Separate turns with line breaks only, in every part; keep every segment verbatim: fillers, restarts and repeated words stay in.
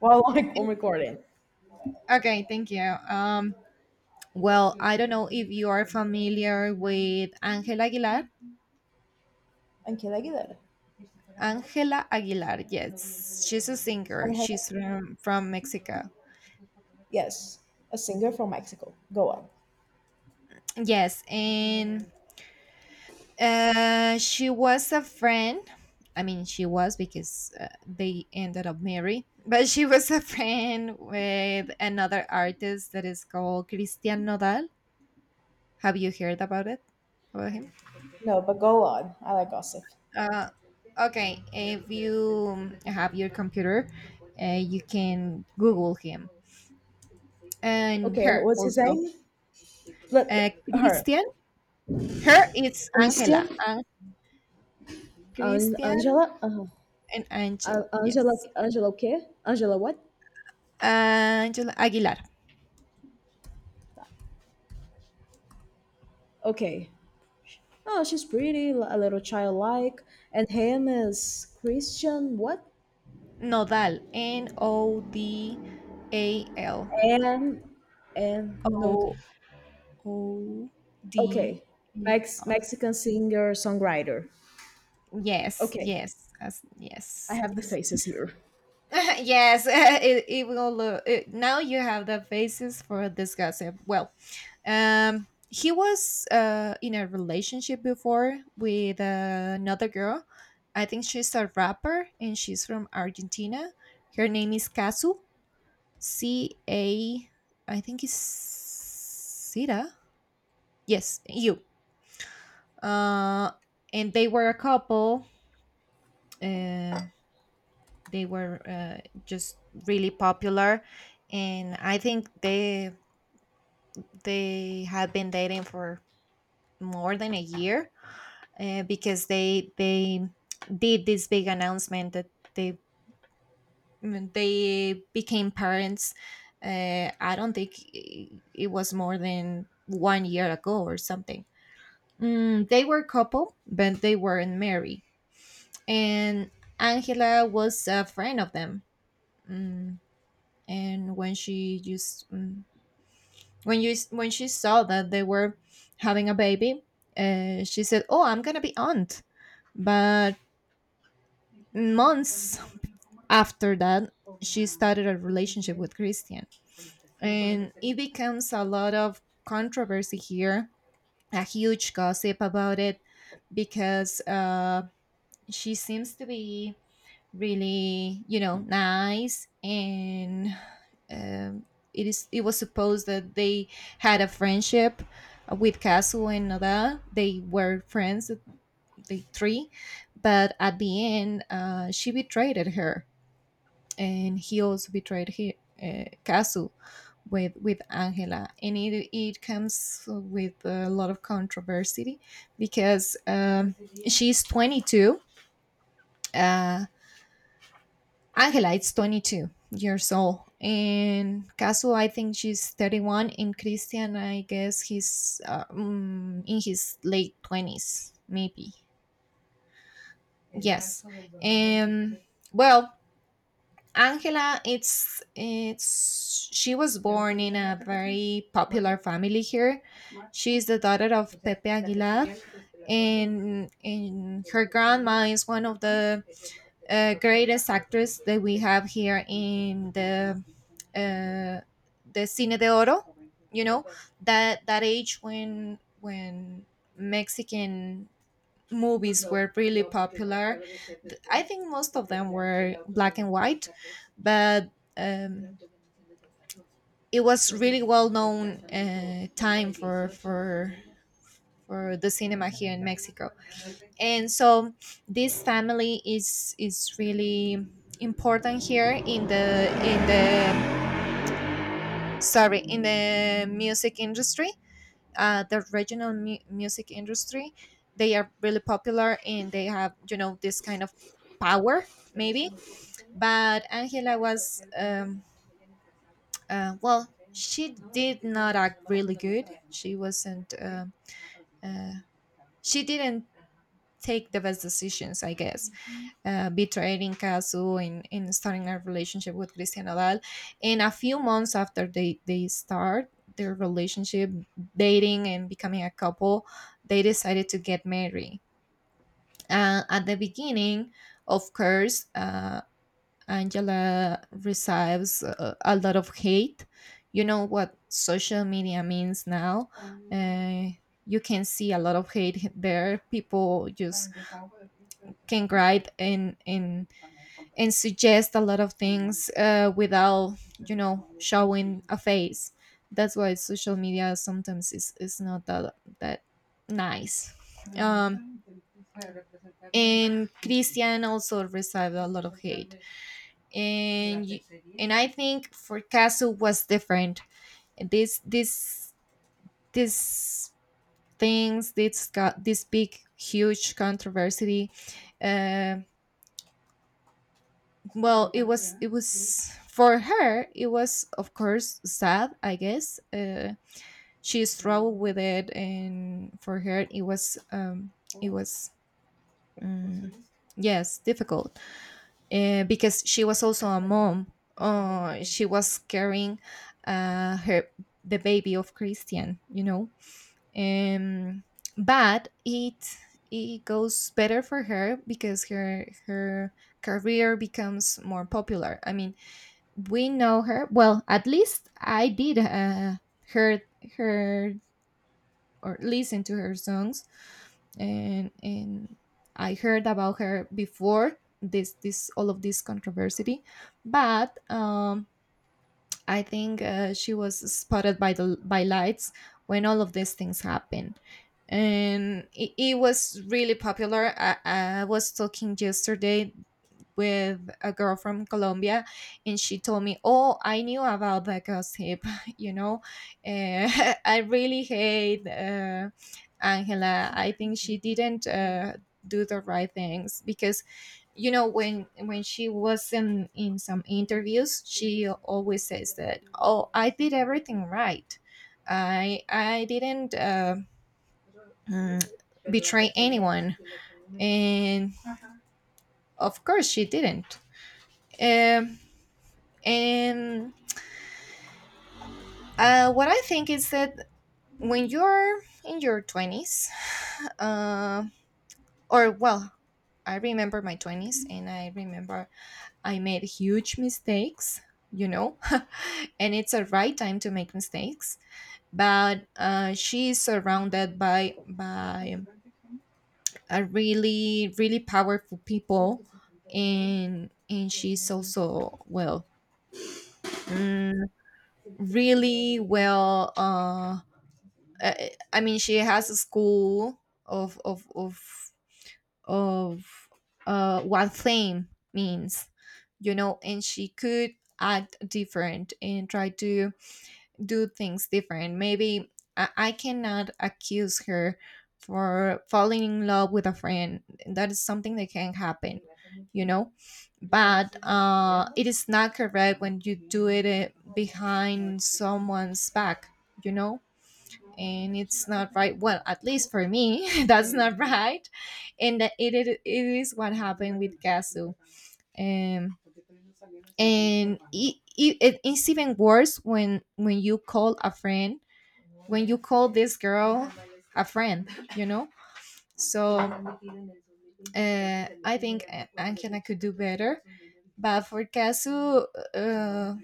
While like I'm recording.
Okay, thank you. Um, well, I don't know if you are familiar with Angela Aguilar.
Ángel Aguilar.
Angela Aguilar, yes, she's a singer.
And have.
She's from, from Mexico.
Yes, a singer from Mexico. Go on.
Yes, and uh, she was a friend. I mean, she was because uh, they ended up married, but she was a friend with another artist that is called Christian Nodal. Have you heard about it? About him?
No, but go on. I like gossip.
Uh, okay, if you have your computer, uh, you can Google him and
Okay,
her
what's his
also.
name? Let
Uh,
her.
Christian, her it's Angela.
Christian.
An-
An-
Christian
Angela uh,
and Angela,
An- Angela
yes.
Angela okay. Angela what?
Angela Aguilar.
Okay. Oh, she's pretty li- a little childlike. And him is Christian what?
Nodal, N O D A L.
And and no,
O
th-
O D
okay. Mex
A L.
Mexican singer songwriter.
Yes,
Okay.
yes, as,
I
yes,
have the
yes.
faces here.
yes, it, it will look. It, now you have the basis for this gossip. Well, um, he was uh, in a relationship before with uh, another girl. I think she's a rapper and she's from Argentina. Her name is Casu. C A. I think it's Sira. Yes, you. Uh, and they were a couple. Uh, they were uh, just really popular, and I think they they had been dating for more than a year uh, because they they did this big announcement that they, mm, they became parents. Uh, i don't think i- it was more than one year ago or something. mm, they were a couple, but they weren't married, and Angela was a friend of them. mm, and when she just mm, when you when she saw that they were having a baby, uh, she said, "Oh, I'm gonna be aunt." But months after that, she started a relationship with Christian, and it becomes a lot of controversy here, a huge gossip about it because uh, she seems to be really, you know, nice and um, it is it was supposed that they had a friendship with Kazu, and Nada, they were friends, the three, but at the end uh, she betrayed her, and he also betrayed he, uh, Kazu, with with Angela, and it, it comes with a lot of controversy because um, she's twenty-two. uh, Angela, it's twenty-two years old. And Casu, I think she's thirty-one. And Christian, I guess he's uh, mm, in his late twenties, maybe. Yes. Um, well, Angela, it's it's she was born in a very popular family here. She is the daughter of Pepe Aguilar, and, and her grandma is one of the uh, greatest actress that we have here in the uh, the Cine de Oro. You know, that that age when when Mexican movies were really popular. Th- I think most of them were black and white, but um, it was really well known uh, time for for for the cinema here in Mexico. And so this family is is really important here in the in the, sorry, in the music industry, uh, the regional mu- music industry. They are really popular, and they have, you know, this kind of power, maybe. But Angela was um, uh, well, she did not act really good. She wasn't um uh, she didn't take the best decisions, I guess, uh, betraying Kazu and, and starting a relationship with Cristian Nadal. And a few months after they, they start their relationship, dating and becoming a couple, they decided to get married. Uh, at the beginning, of course, uh, Angela receives uh, a lot of hate. You know what social media means now. Uh, you can see a lot of hate there. People just can write and and and suggest a lot of things uh, without, you know, showing a face. That's why social media sometimes is, is not that that nice. Um, and Christian also received a lot of hate, and you- and I think for Castle was different. This this this things this got this big huge controversy. Uh, well, it was it was for her. It was, of course, sad. I guess uh, she struggled with it, and for her it was um, it was. Um, yes, difficult uh, because she was also a mom. Uh, she was carrying uh, her the baby of Christian, you know. Um, but it it goes better for her because her her career becomes more popular. I mean, we know her well. At least I did uh, heard her or listen to her songs and and I heard about her before this this all of this controversy, but um, I think uh, she was spotted by the by lights when all of these things happened, and it, it was really popular. I, I was talking yesterday with a girl from Colombia, and she told me, "Oh, I knew about the gossip. You know, uh, I really hate uh, Angela. I think she didn't uh, do the right things because." You know, when when she was in in some interviews, she always says that, "Oh, I did everything right. I i didn't uh, mm, betray anyone." And of course she didn't. Um, And uh, what I think is that when you're in your twenties, uh, or well, I remember my twenties and I remember I made huge mistakes, you know, and it's a right time to make mistakes. But uh, she is surrounded by, by a really really powerful people, and and she's also well, mm, really well uh uh, I mean, she has a school of of of of uh, what fame means, you know, and she could act different and try to do things different. Maybe I, I cannot accuse her for falling in love with a friend. That is something that can happen, you know. But uh, it is not correct when you do it uh, behind someone's back, you know, and it's not right. Well, at least for me, that's not right, and that it, it, it is what happened with Gasu. um, and it, it, it- it's even worse when when you call a friend, when you call this girl a friend, you know. So uh, I think uh, Angela could do better. But for Kazu, uh,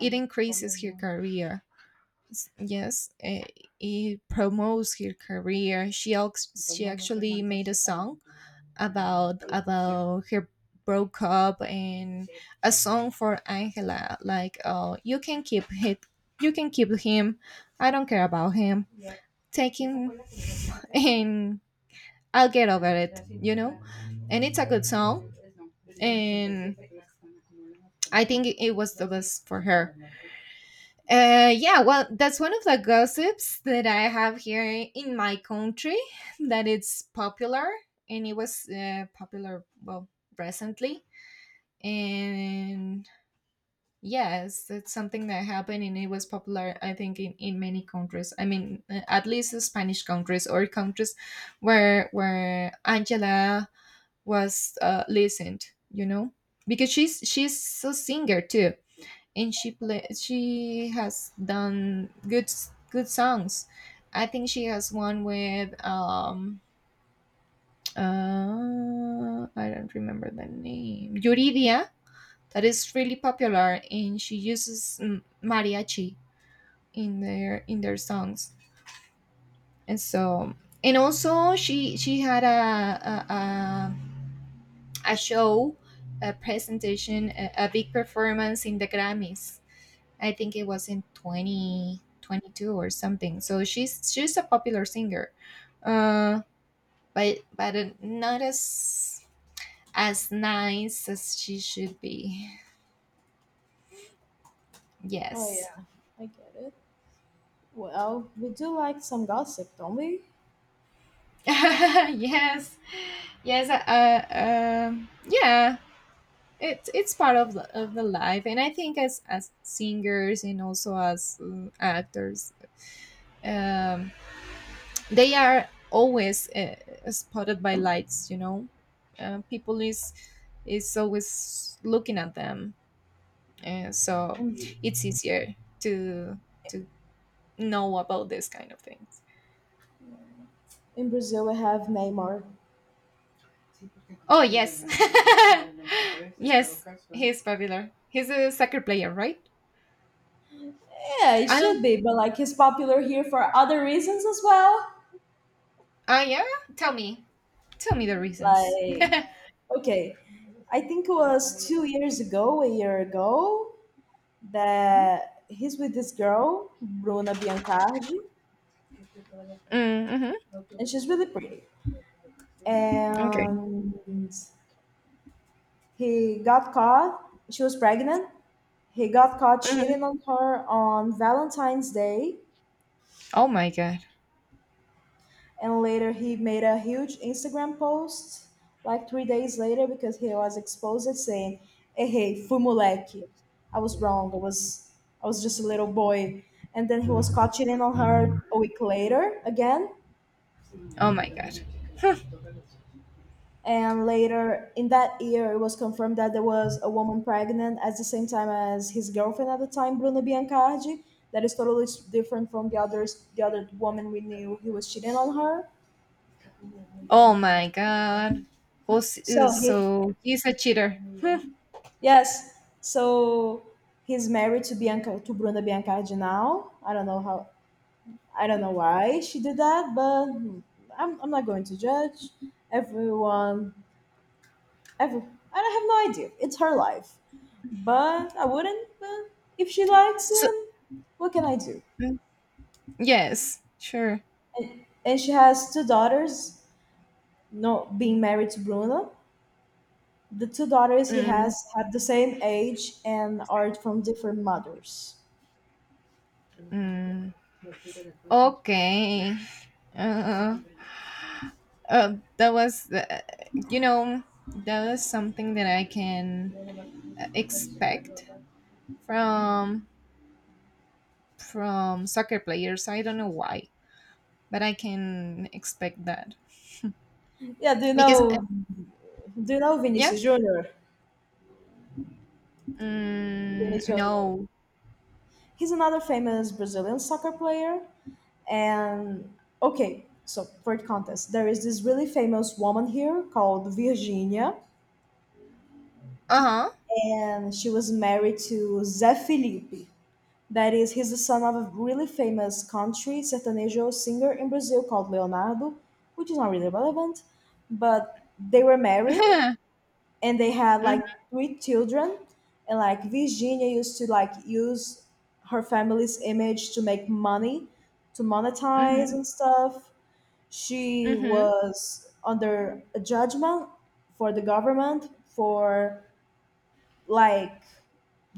it increases her career. yes eh, it promotes her career. She ax- she actually made a song about about her broke up, and a song for Angela like, "Oh, you can keep it, you can keep him, I don't care about him, take him." And I'll get over it, you know. And it's a good song, and I think it was the best for her. Uh, yeah, well, that's one of the gossips that I have here in my country that it's popular, and it was uh, popular, well, recently. And yes, that's something that happened, and it was popular, I think, in in many countries. I mean, uh, at least the Spanish countries, or countries where, where Angela was uh, listened, you know? Because she's she's a singer too, and she play she has done good good songs. I think she has one with um uh I don't remember the name, Yuridia, that is really popular, and she uses mm, mariachi in their in their songs. And so, and also, she she had a a, a, a show, a presentation, a, a big performance in the Grammys. I think it was in twenty twenty-two or something. So she's she's a popular singer, uh, but but uh, not as as nice as she should be.
Oh
Yes,
yeah, I get it. Well, we do like some gossip, don't we?
yes, yes. Uh, uh, um, yeah. It's it's part of the, of the life, and I think as as singers and also as uh, actors, um, they are always uh, spotted by lights, you know. uh, people is is always looking at them. uh, so
In
it's easier to to know about this kind of things.
in Brazil, we have Neymar.
Oh yes, yes, he's popular, he's a soccer player, right?
Yeah, it
I don't
should be, but like he's popular here for other reasons as well.
ah yeah, tell me, tell me the reasons.
Like, okay, I think it was two years ago, a year ago, that he's with this girl, Bruna Biancardi,
Mm, mm-hmm.
and she's really pretty.
Okay.
And he got caught. She was pregnant. He got caught cheating
Hmm.
on her on Valentine's Day,
Oh my god.
and later he made a huge Instagram post like three days later because he was exposed saying, "Hey, hey, fui moleque. I was wrong. I was I was just a little boy." And then he was caught cheating on her a week later again,
Oh my god.
and later in that year it was confirmed that there was a woman pregnant at the same time as his girlfriend at the time, Bruno Biancardi, that is totally s- different from the others, the other woman we knew he was cheating on her.
Oh my god. Jose, uh,
So he
so he's a cheater. Hmm.
Yes, so he's married to bianca to Bruno Biancardi now. I don't know how, I don't know why she did that, but hmm, i'm, I'm not going to judge everyone. Ever. I have no idea. It's her life. But I wouldn't. But if she likes
so,
him, what can I do?
mm, yes, sure.
And, and she has two daughters, not being married to Bruno. The two daughters he
Mm,
has have the same age and are from different mothers.
mm, okay. Uh, uh, that was, uh, you know, that was something that I can uh, expect from from soccer players. I don't know why, but I can expect that
Yeah, do you
because uh,
know do you know
yeah.
Vinicius Junior?
Mm,
Vinicius Junior.
no.
He's another famous Brazilian soccer player. And okay, so for the contest, there is this really famous woman here called Virginia,
Uh
and she was married to Zé Felipe. That is, he's the son of a really famous country sertanejo singer in Brazil called Leonardo, which is not really relevant. But they were married
huh.
and they had
Mhm.
like three children. And like Virginia used to like use her family's image to make money, to monetize
Mhm.
and stuff. She
Mhm.
was under a judgment for the government for like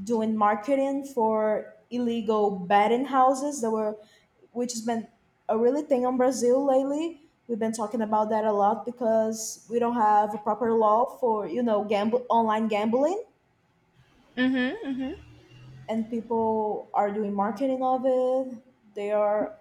doing marketing for illegal betting houses that were, which has been a really thing on Brazil lately. We've been talking about that a lot because we don't have a proper law for, you know, gamble online gambling,
Mhm. Mhm.
and people are doing marketing of it. They are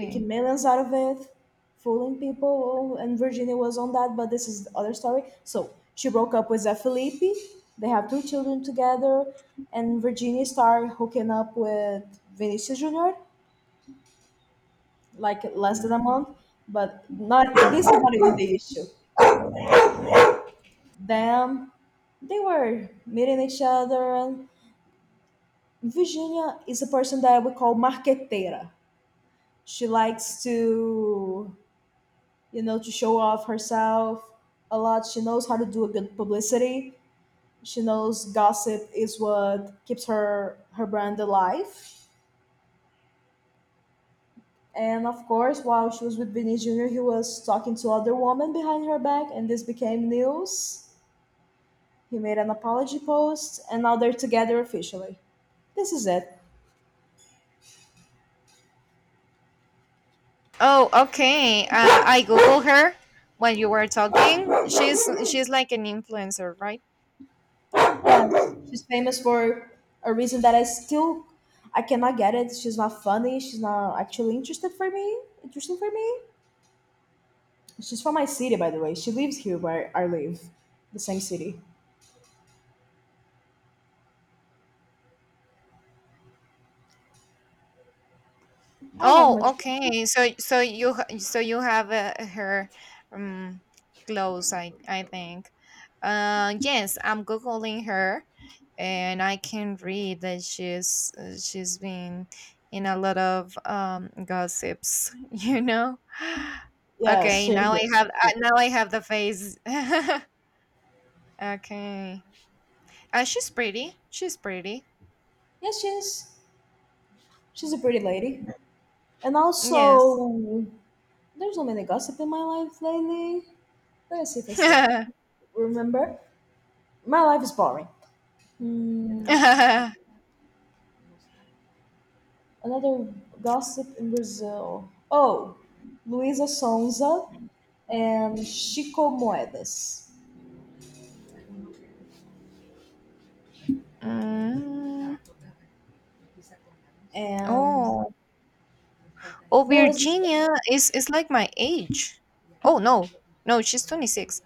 making millions out of it, fooling people. Oh, and Virginia was on that, but this is the other story. So she broke up with Zé Felipe. They have two children together, and Virginia started hooking up with Vinicius Junior like less
Mm.
than a month. But not. This is not even the issue. Them, they were meeting each other, and Virginia is a person that I would call marqueteira. She likes to you know, to show off herself a lot. She knows how to do a good publicity. She knows gossip is what keeps her her brand alive. And of course, while she was with Vinny Junior, he was talking to other women behind her back, and this became news. He made an apology post, and now they're together officially. This is it.
Oh, okay. Uh, I Google her when you were talking. She's she's like an influencer, right?
Yes, she's famous for a reason that I still I cannot get it. She's not funny. She's not actually interested for me. Interesting for me. She's from my city, by the way. She lives here where I live, the same city. I don't have
Oh,
much gossip.
okay. So so you ha- so you have uh, her um clothes, I I think. Uh, yes, I'm googling her, and I can read that she's uh, she's been in a lot of um gossips. You know.
Yes,
Okay,
she
now
is.
I have
She
uh,
is.
now I have the face. Okay. Uh, she's pretty. She's pretty.
Yes, she is. She's a pretty lady. And
Yes.
also, there's not many gossip in my life lately. Let me see if I see. Remember, my life is boring. Hmm, another gossip in Brazil. Oh, Luisa Sonza and Chico Moedas.
Mm.
And
Oh. Oh,
there was this.
Virginia is is like my age. Oh no. No, she's twenty-six.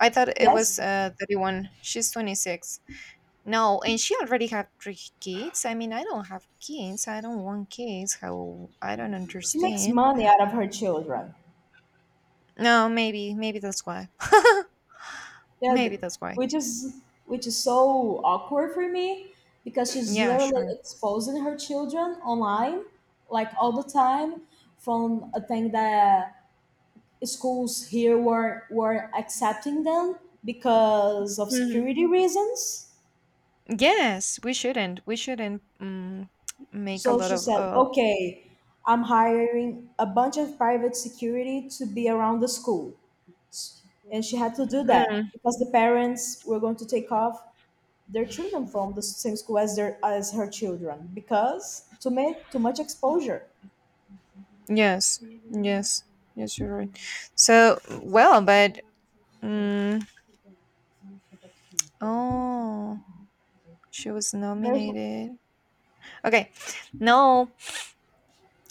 I thought it was
Yes?
uh thirty-one. She's twenty-six. No, and she already had three kids. I mean, I don't have kids. I don't want kids. How I don't
She makes
understand.
money out of her children.
No, maybe maybe that's why.
Yeah, th-
Maybe that's why.
which is which is so awkward for me because she's
Yeah,
literally
sure.
exposing her children online, like all the time, from a thing that schools here were were accepting them because of
Mm-hmm.
security reasons.
Yes, we shouldn't. We shouldn't um, make a
So
lot
she
of.
said,
Uh,
"Okay, I'm hiring a bunch of private security to be around the school," and she had to do that
mm,
because the parents were going to take off their children from the same school as their, as her children, because to make too much exposure.
yes, yes, yes, you're right. So, well, but. Um, oh, she was
There's
nominated. Okay, no,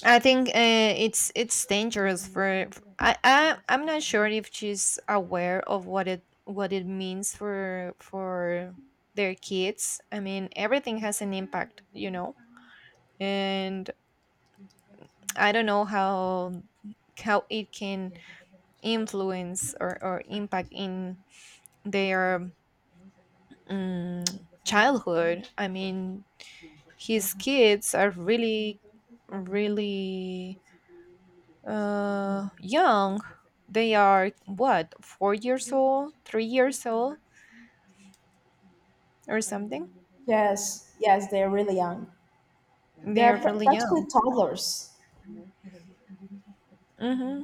I think uh, it's it's dangerous for. I, I I'm not sure if she's aware of what it what it means for for their kids. I mean, everything has an impact, you know And I don't know how how it can influence or, or impact in their um, childhood. I mean, his kids are really, really uh, young. They are what four years old, three years old, or something.
Yes, yes, they're really young.
They
They're
are
pr-
really young.
practically toddlers.
Mm-hmm.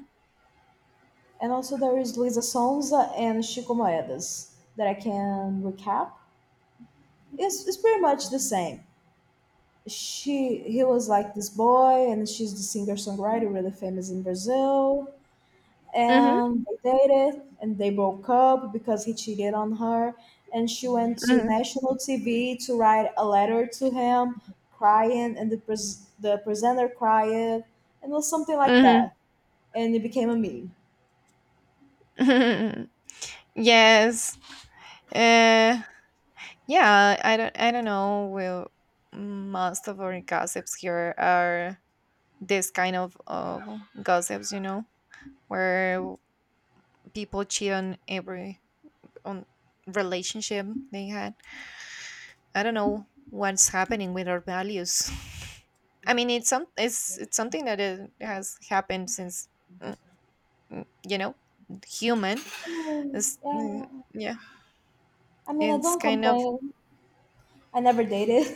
And also there is Luisa Sonza and Chico Moedas that I can recap. It's, it's pretty much the same. She, he was like this boy and she's the singer songwriter really famous in Brazil.
Mm-hmm.
And they dated and they broke up because he cheated on her, and she went to national T V to write a letter to him crying, and the, pres- the presenter cried, and it was something like
Mm-hmm.
that, and it became a meme.
Mm-hmm. Yes. Uh, yeah, I don't, I don't know. Well, most of our gossips here are this kind of uh, gossips, you know, where people cheat on every on relationship they had. I don't know what's happening with our values. I mean, it's some, it's it's something that it has happened since, mm, mm, you know, human.
I mean,
It's, mm,
yeah.
yeah,
I mean, I
it's
don't
kind of,
complain. I never dated,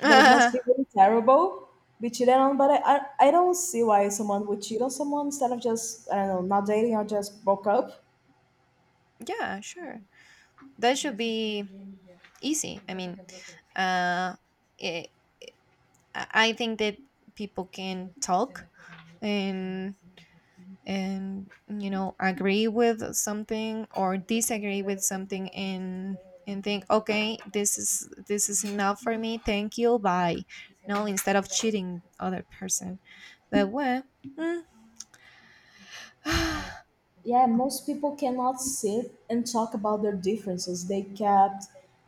but it must
yeah,
be really terrible. Be cheated on. But I, I, I don't see why someone would cheat on someone instead of just, I don't know, not dating or just broke up.
sure. That should be easy. I mean, uh, it, I I think that people can talk and and you know agree with something or disagree with something and and think, okay, this is this is enough for me, thank you, bye. No, instead of cheating other person, but what, mm, mhm,
Yeah, most people cannot sit and talk about their differences. They kept,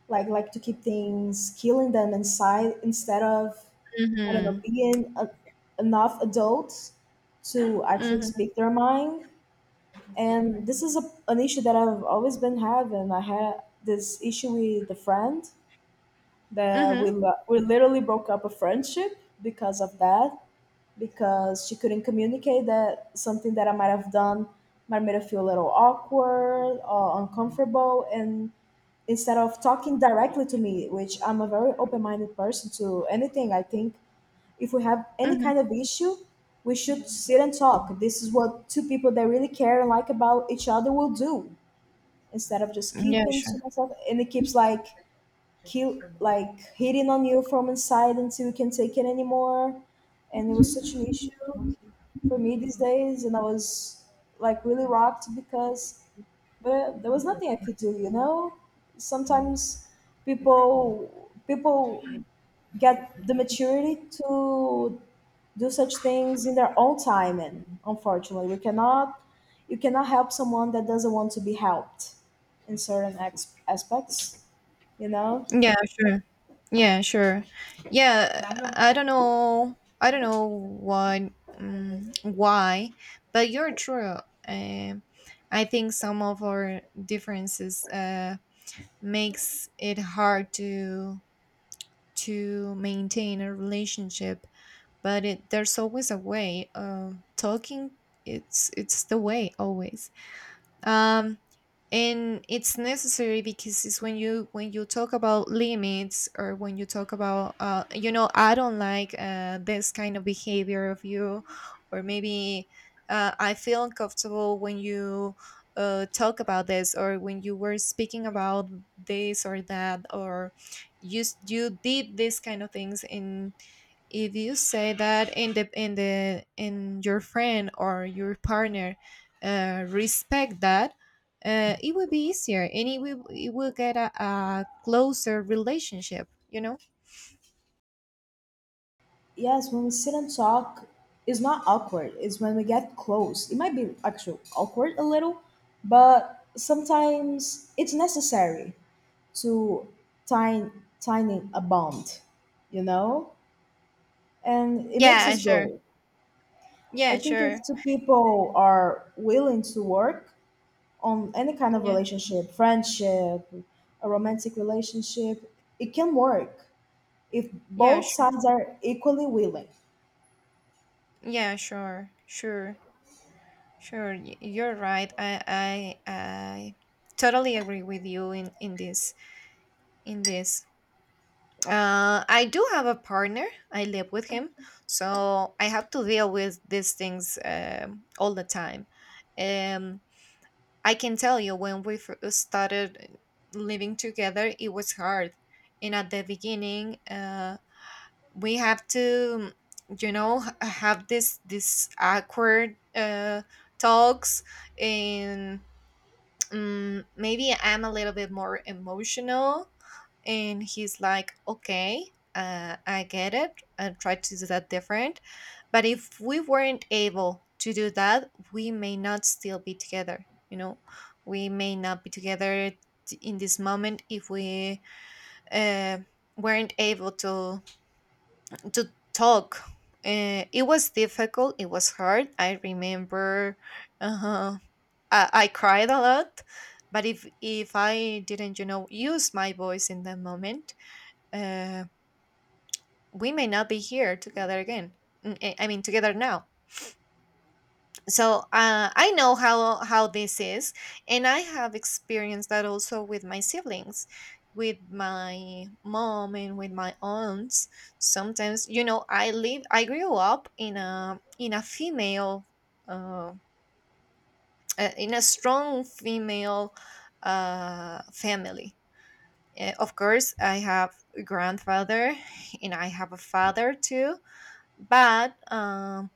like like to keep things killing them inside, instead of, I don't know, being a, enough adults to actually
mhm,
speak their mind. And this is a, an issue that I've always been having. I had this issue with the friend that we
mhm,
lo- we literally broke up a friendship because of that, because she couldn't communicate that something that I might have done might made her feel a little awkward or uncomfortable. And instead of talking directly to me, which I'm a very open minded person to anything, I think if we have any
mhm.
kind of issue, we should sit and talk. This is what two people that really care and like about each other will do instead of just
Yeah,
keeping to
sure.
myself. And it keeps like, keep like hitting on you from inside until you can take it anymore. And it was such an issue for me these days, and I was like really rocked because, but there was nothing I could do, you know? Sometimes people people get the maturity to do such things in their own time, and unfortunately we cannot, you cannot help someone that doesn't want to be helped in certain ex- aspects, you know?
Yeah, sure. Yeah, sure. Yeah, I don't I don't know. I don't know why, um, why, but you're true. Um, I think some of our differences uh, makes it hard to to maintain a relationship, but it, there's always a way. Um, talking, it's it's the way always. Um, and it's necessary because it's when you when you talk about limits or when you talk about uh, you know I don't like uh, this kind of behavior of you, or maybe uh, I feel uncomfortable when you uh, talk about this, or when you were speaking about this or that, or you s- you did these kind of things. And if you say that in the in the in your friend or your partner, uh, respect that, uh, it will be easier and it will it will get a, a closer relationship, you know.
Yes, when we sit and talk, it's not awkward. It's when we get close. It might be actually awkward a little, but sometimes it's necessary to tie, tying a bond, you know? And it makes
Yeah,
us
sure.
grow. I
Yeah,
think if
sure.
two people are willing to work on any kind of
Yeah.
relationship, friendship, a romantic relationship, it can work if
Yeah,
both
sure.
sides are equally willing.
Yeah, sure, sure, sure. Y- you're right. I i i totally agree with you in in this in this. uh I do have a partner. I live with him, so I have to deal with these things um all the time. um I can tell you when we fir- uh, started uh, living together, it was hard. And at the beginning, uh, we have to, you know, h- have this this awkward uh, talks, and um, maybe I'm a little bit more emotional, and he's like, okay, uh, I get it and try to do that different. But if we weren't able to do that, we may not still be together, you know. We may not be together t- in this moment if we uh, weren't able to to talk uh, It was difficult. It was hard. I remember, uh, I, I cried a lot. But if if I didn't, you know, use my voice in that moment, uh. we may not be here together again. Mm, eh, I mean, together now. So uh, I know how how this is, and I have experienced that also with my siblings, with my mom and with my aunts. Sometimes, you know, I live. I grew up in a in a female, uh, uh, in a strong female uh, family. Eh, Of course, I have a grandfather, and I have a father too, but um,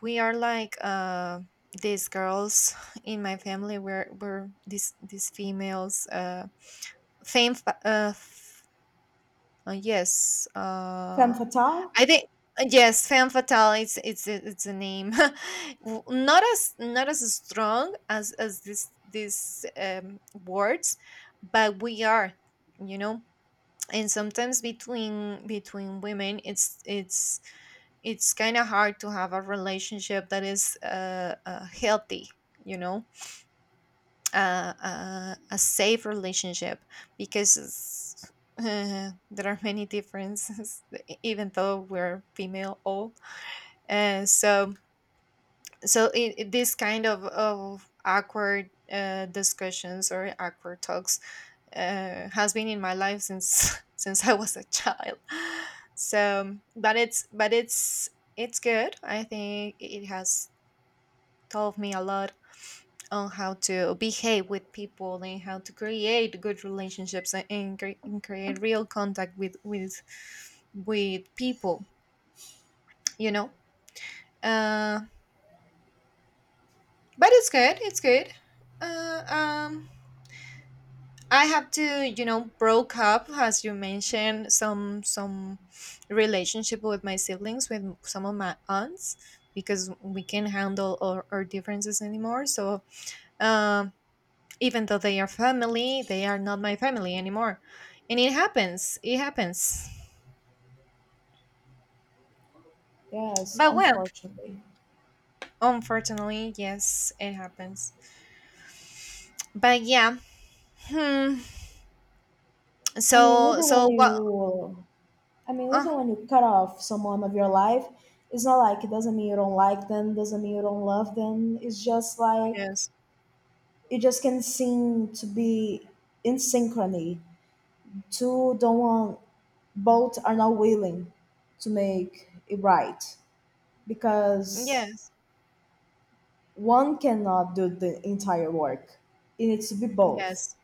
we are like uh these girls in my family. We're we're these these females uh fame fa- uh, f- uh yes
Femme
uh
fatale?
I think, uh, yes, femme fatale, it's it's a- it's a name. W- not as not as strong as as this these um words, but we are, you know. And sometimes between between women, it's it's it's kind of hard to have a relationship that is uh, uh, healthy, you know. Uh, uh, a safe relationship, because it's- uh, there are many differences. Even though we're female old. And so so it, it- this kind of, of awkward uh, discussions or awkward talks uh, has been in my life since since I was a child. So, but it's but it's it's good. I think it has taught me a lot on how to behave with people and how to create good relationships, and, and, cre- and create real contact with with with people. You know, uh, but it's good. It's good. Uh, um, I have to, you know, broke up, as you mentioned, some some relationship with my siblings, with some of my aunts, because we can't handle our, our differences anymore. So um, even though they are family, they are not my family anymore, and it happens. It happens.
Yes,
But, well,
unfortunately.
unfortunately, yes, it happens. But yeah, hmm.
I mean,
So
even
so
when
what?
you, I mean,
Uh
even
huh.
when you cut off someone of your life, it's not like it doesn't mean you don't like them, doesn't mean you don't love them. It's just like
Yes.
you just can seem to be in synchrony. Two don't want, both are not willing to make it right because
Yes.
one cannot do the entire work. It needs to be both.
Yes.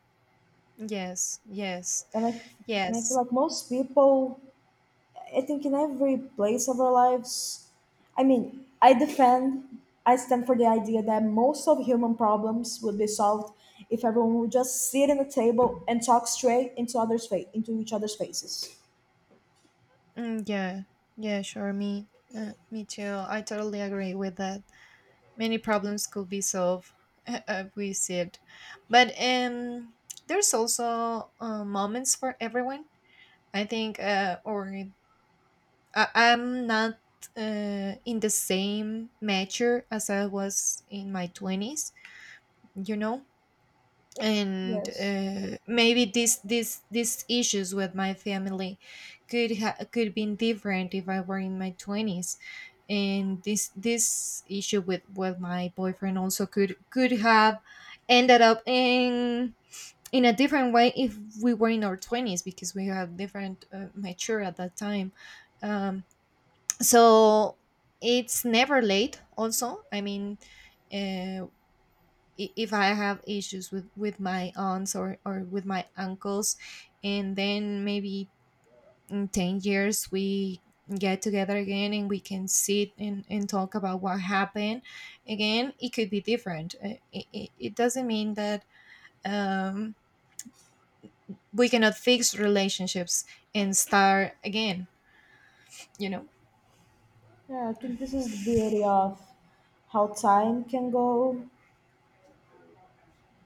Yes, yes,
And I, and I feel
yes.
like most people, I think in every place of our lives, I mean, I defend, I stand for the idea that most of human problems would be solved if everyone would just sit in a table and talk straight into others' face, into each other's faces.
Mm, yeah, yeah, sure. Me, uh, me too. I totally agree with that. Many problems could be solved if we said, but um, there's also uh, moments for everyone. I think, uh, or I, I'm not uh, in the same measure as I was in my twenties. You know, and
Yes.
uh, maybe these these these issues with my family could ha- could been different if I were in my twenties, and this this issue with with my boyfriend also could could have ended up in in a different way if we were in our twenties, because we have different uh, mature at that time, um, so it's never late. Also, I mean. Uh, i- if I have issues with with my aunts or or with my uncles, and then maybe in ten years we get together again and we can sit and, and talk about what happened again, it could be different. Uh, it, it, it doesn't mean that um, we cannot fix relationships and start again, you know.
Yeah, I think this is the beauty of how time can go.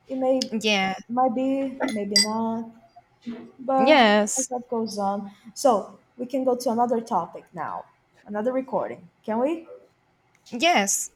It may,
Yeah.
might be, maybe not, but as
Yes.
that goes on. So we can go to another topic now, another recording. Can we?
Yes.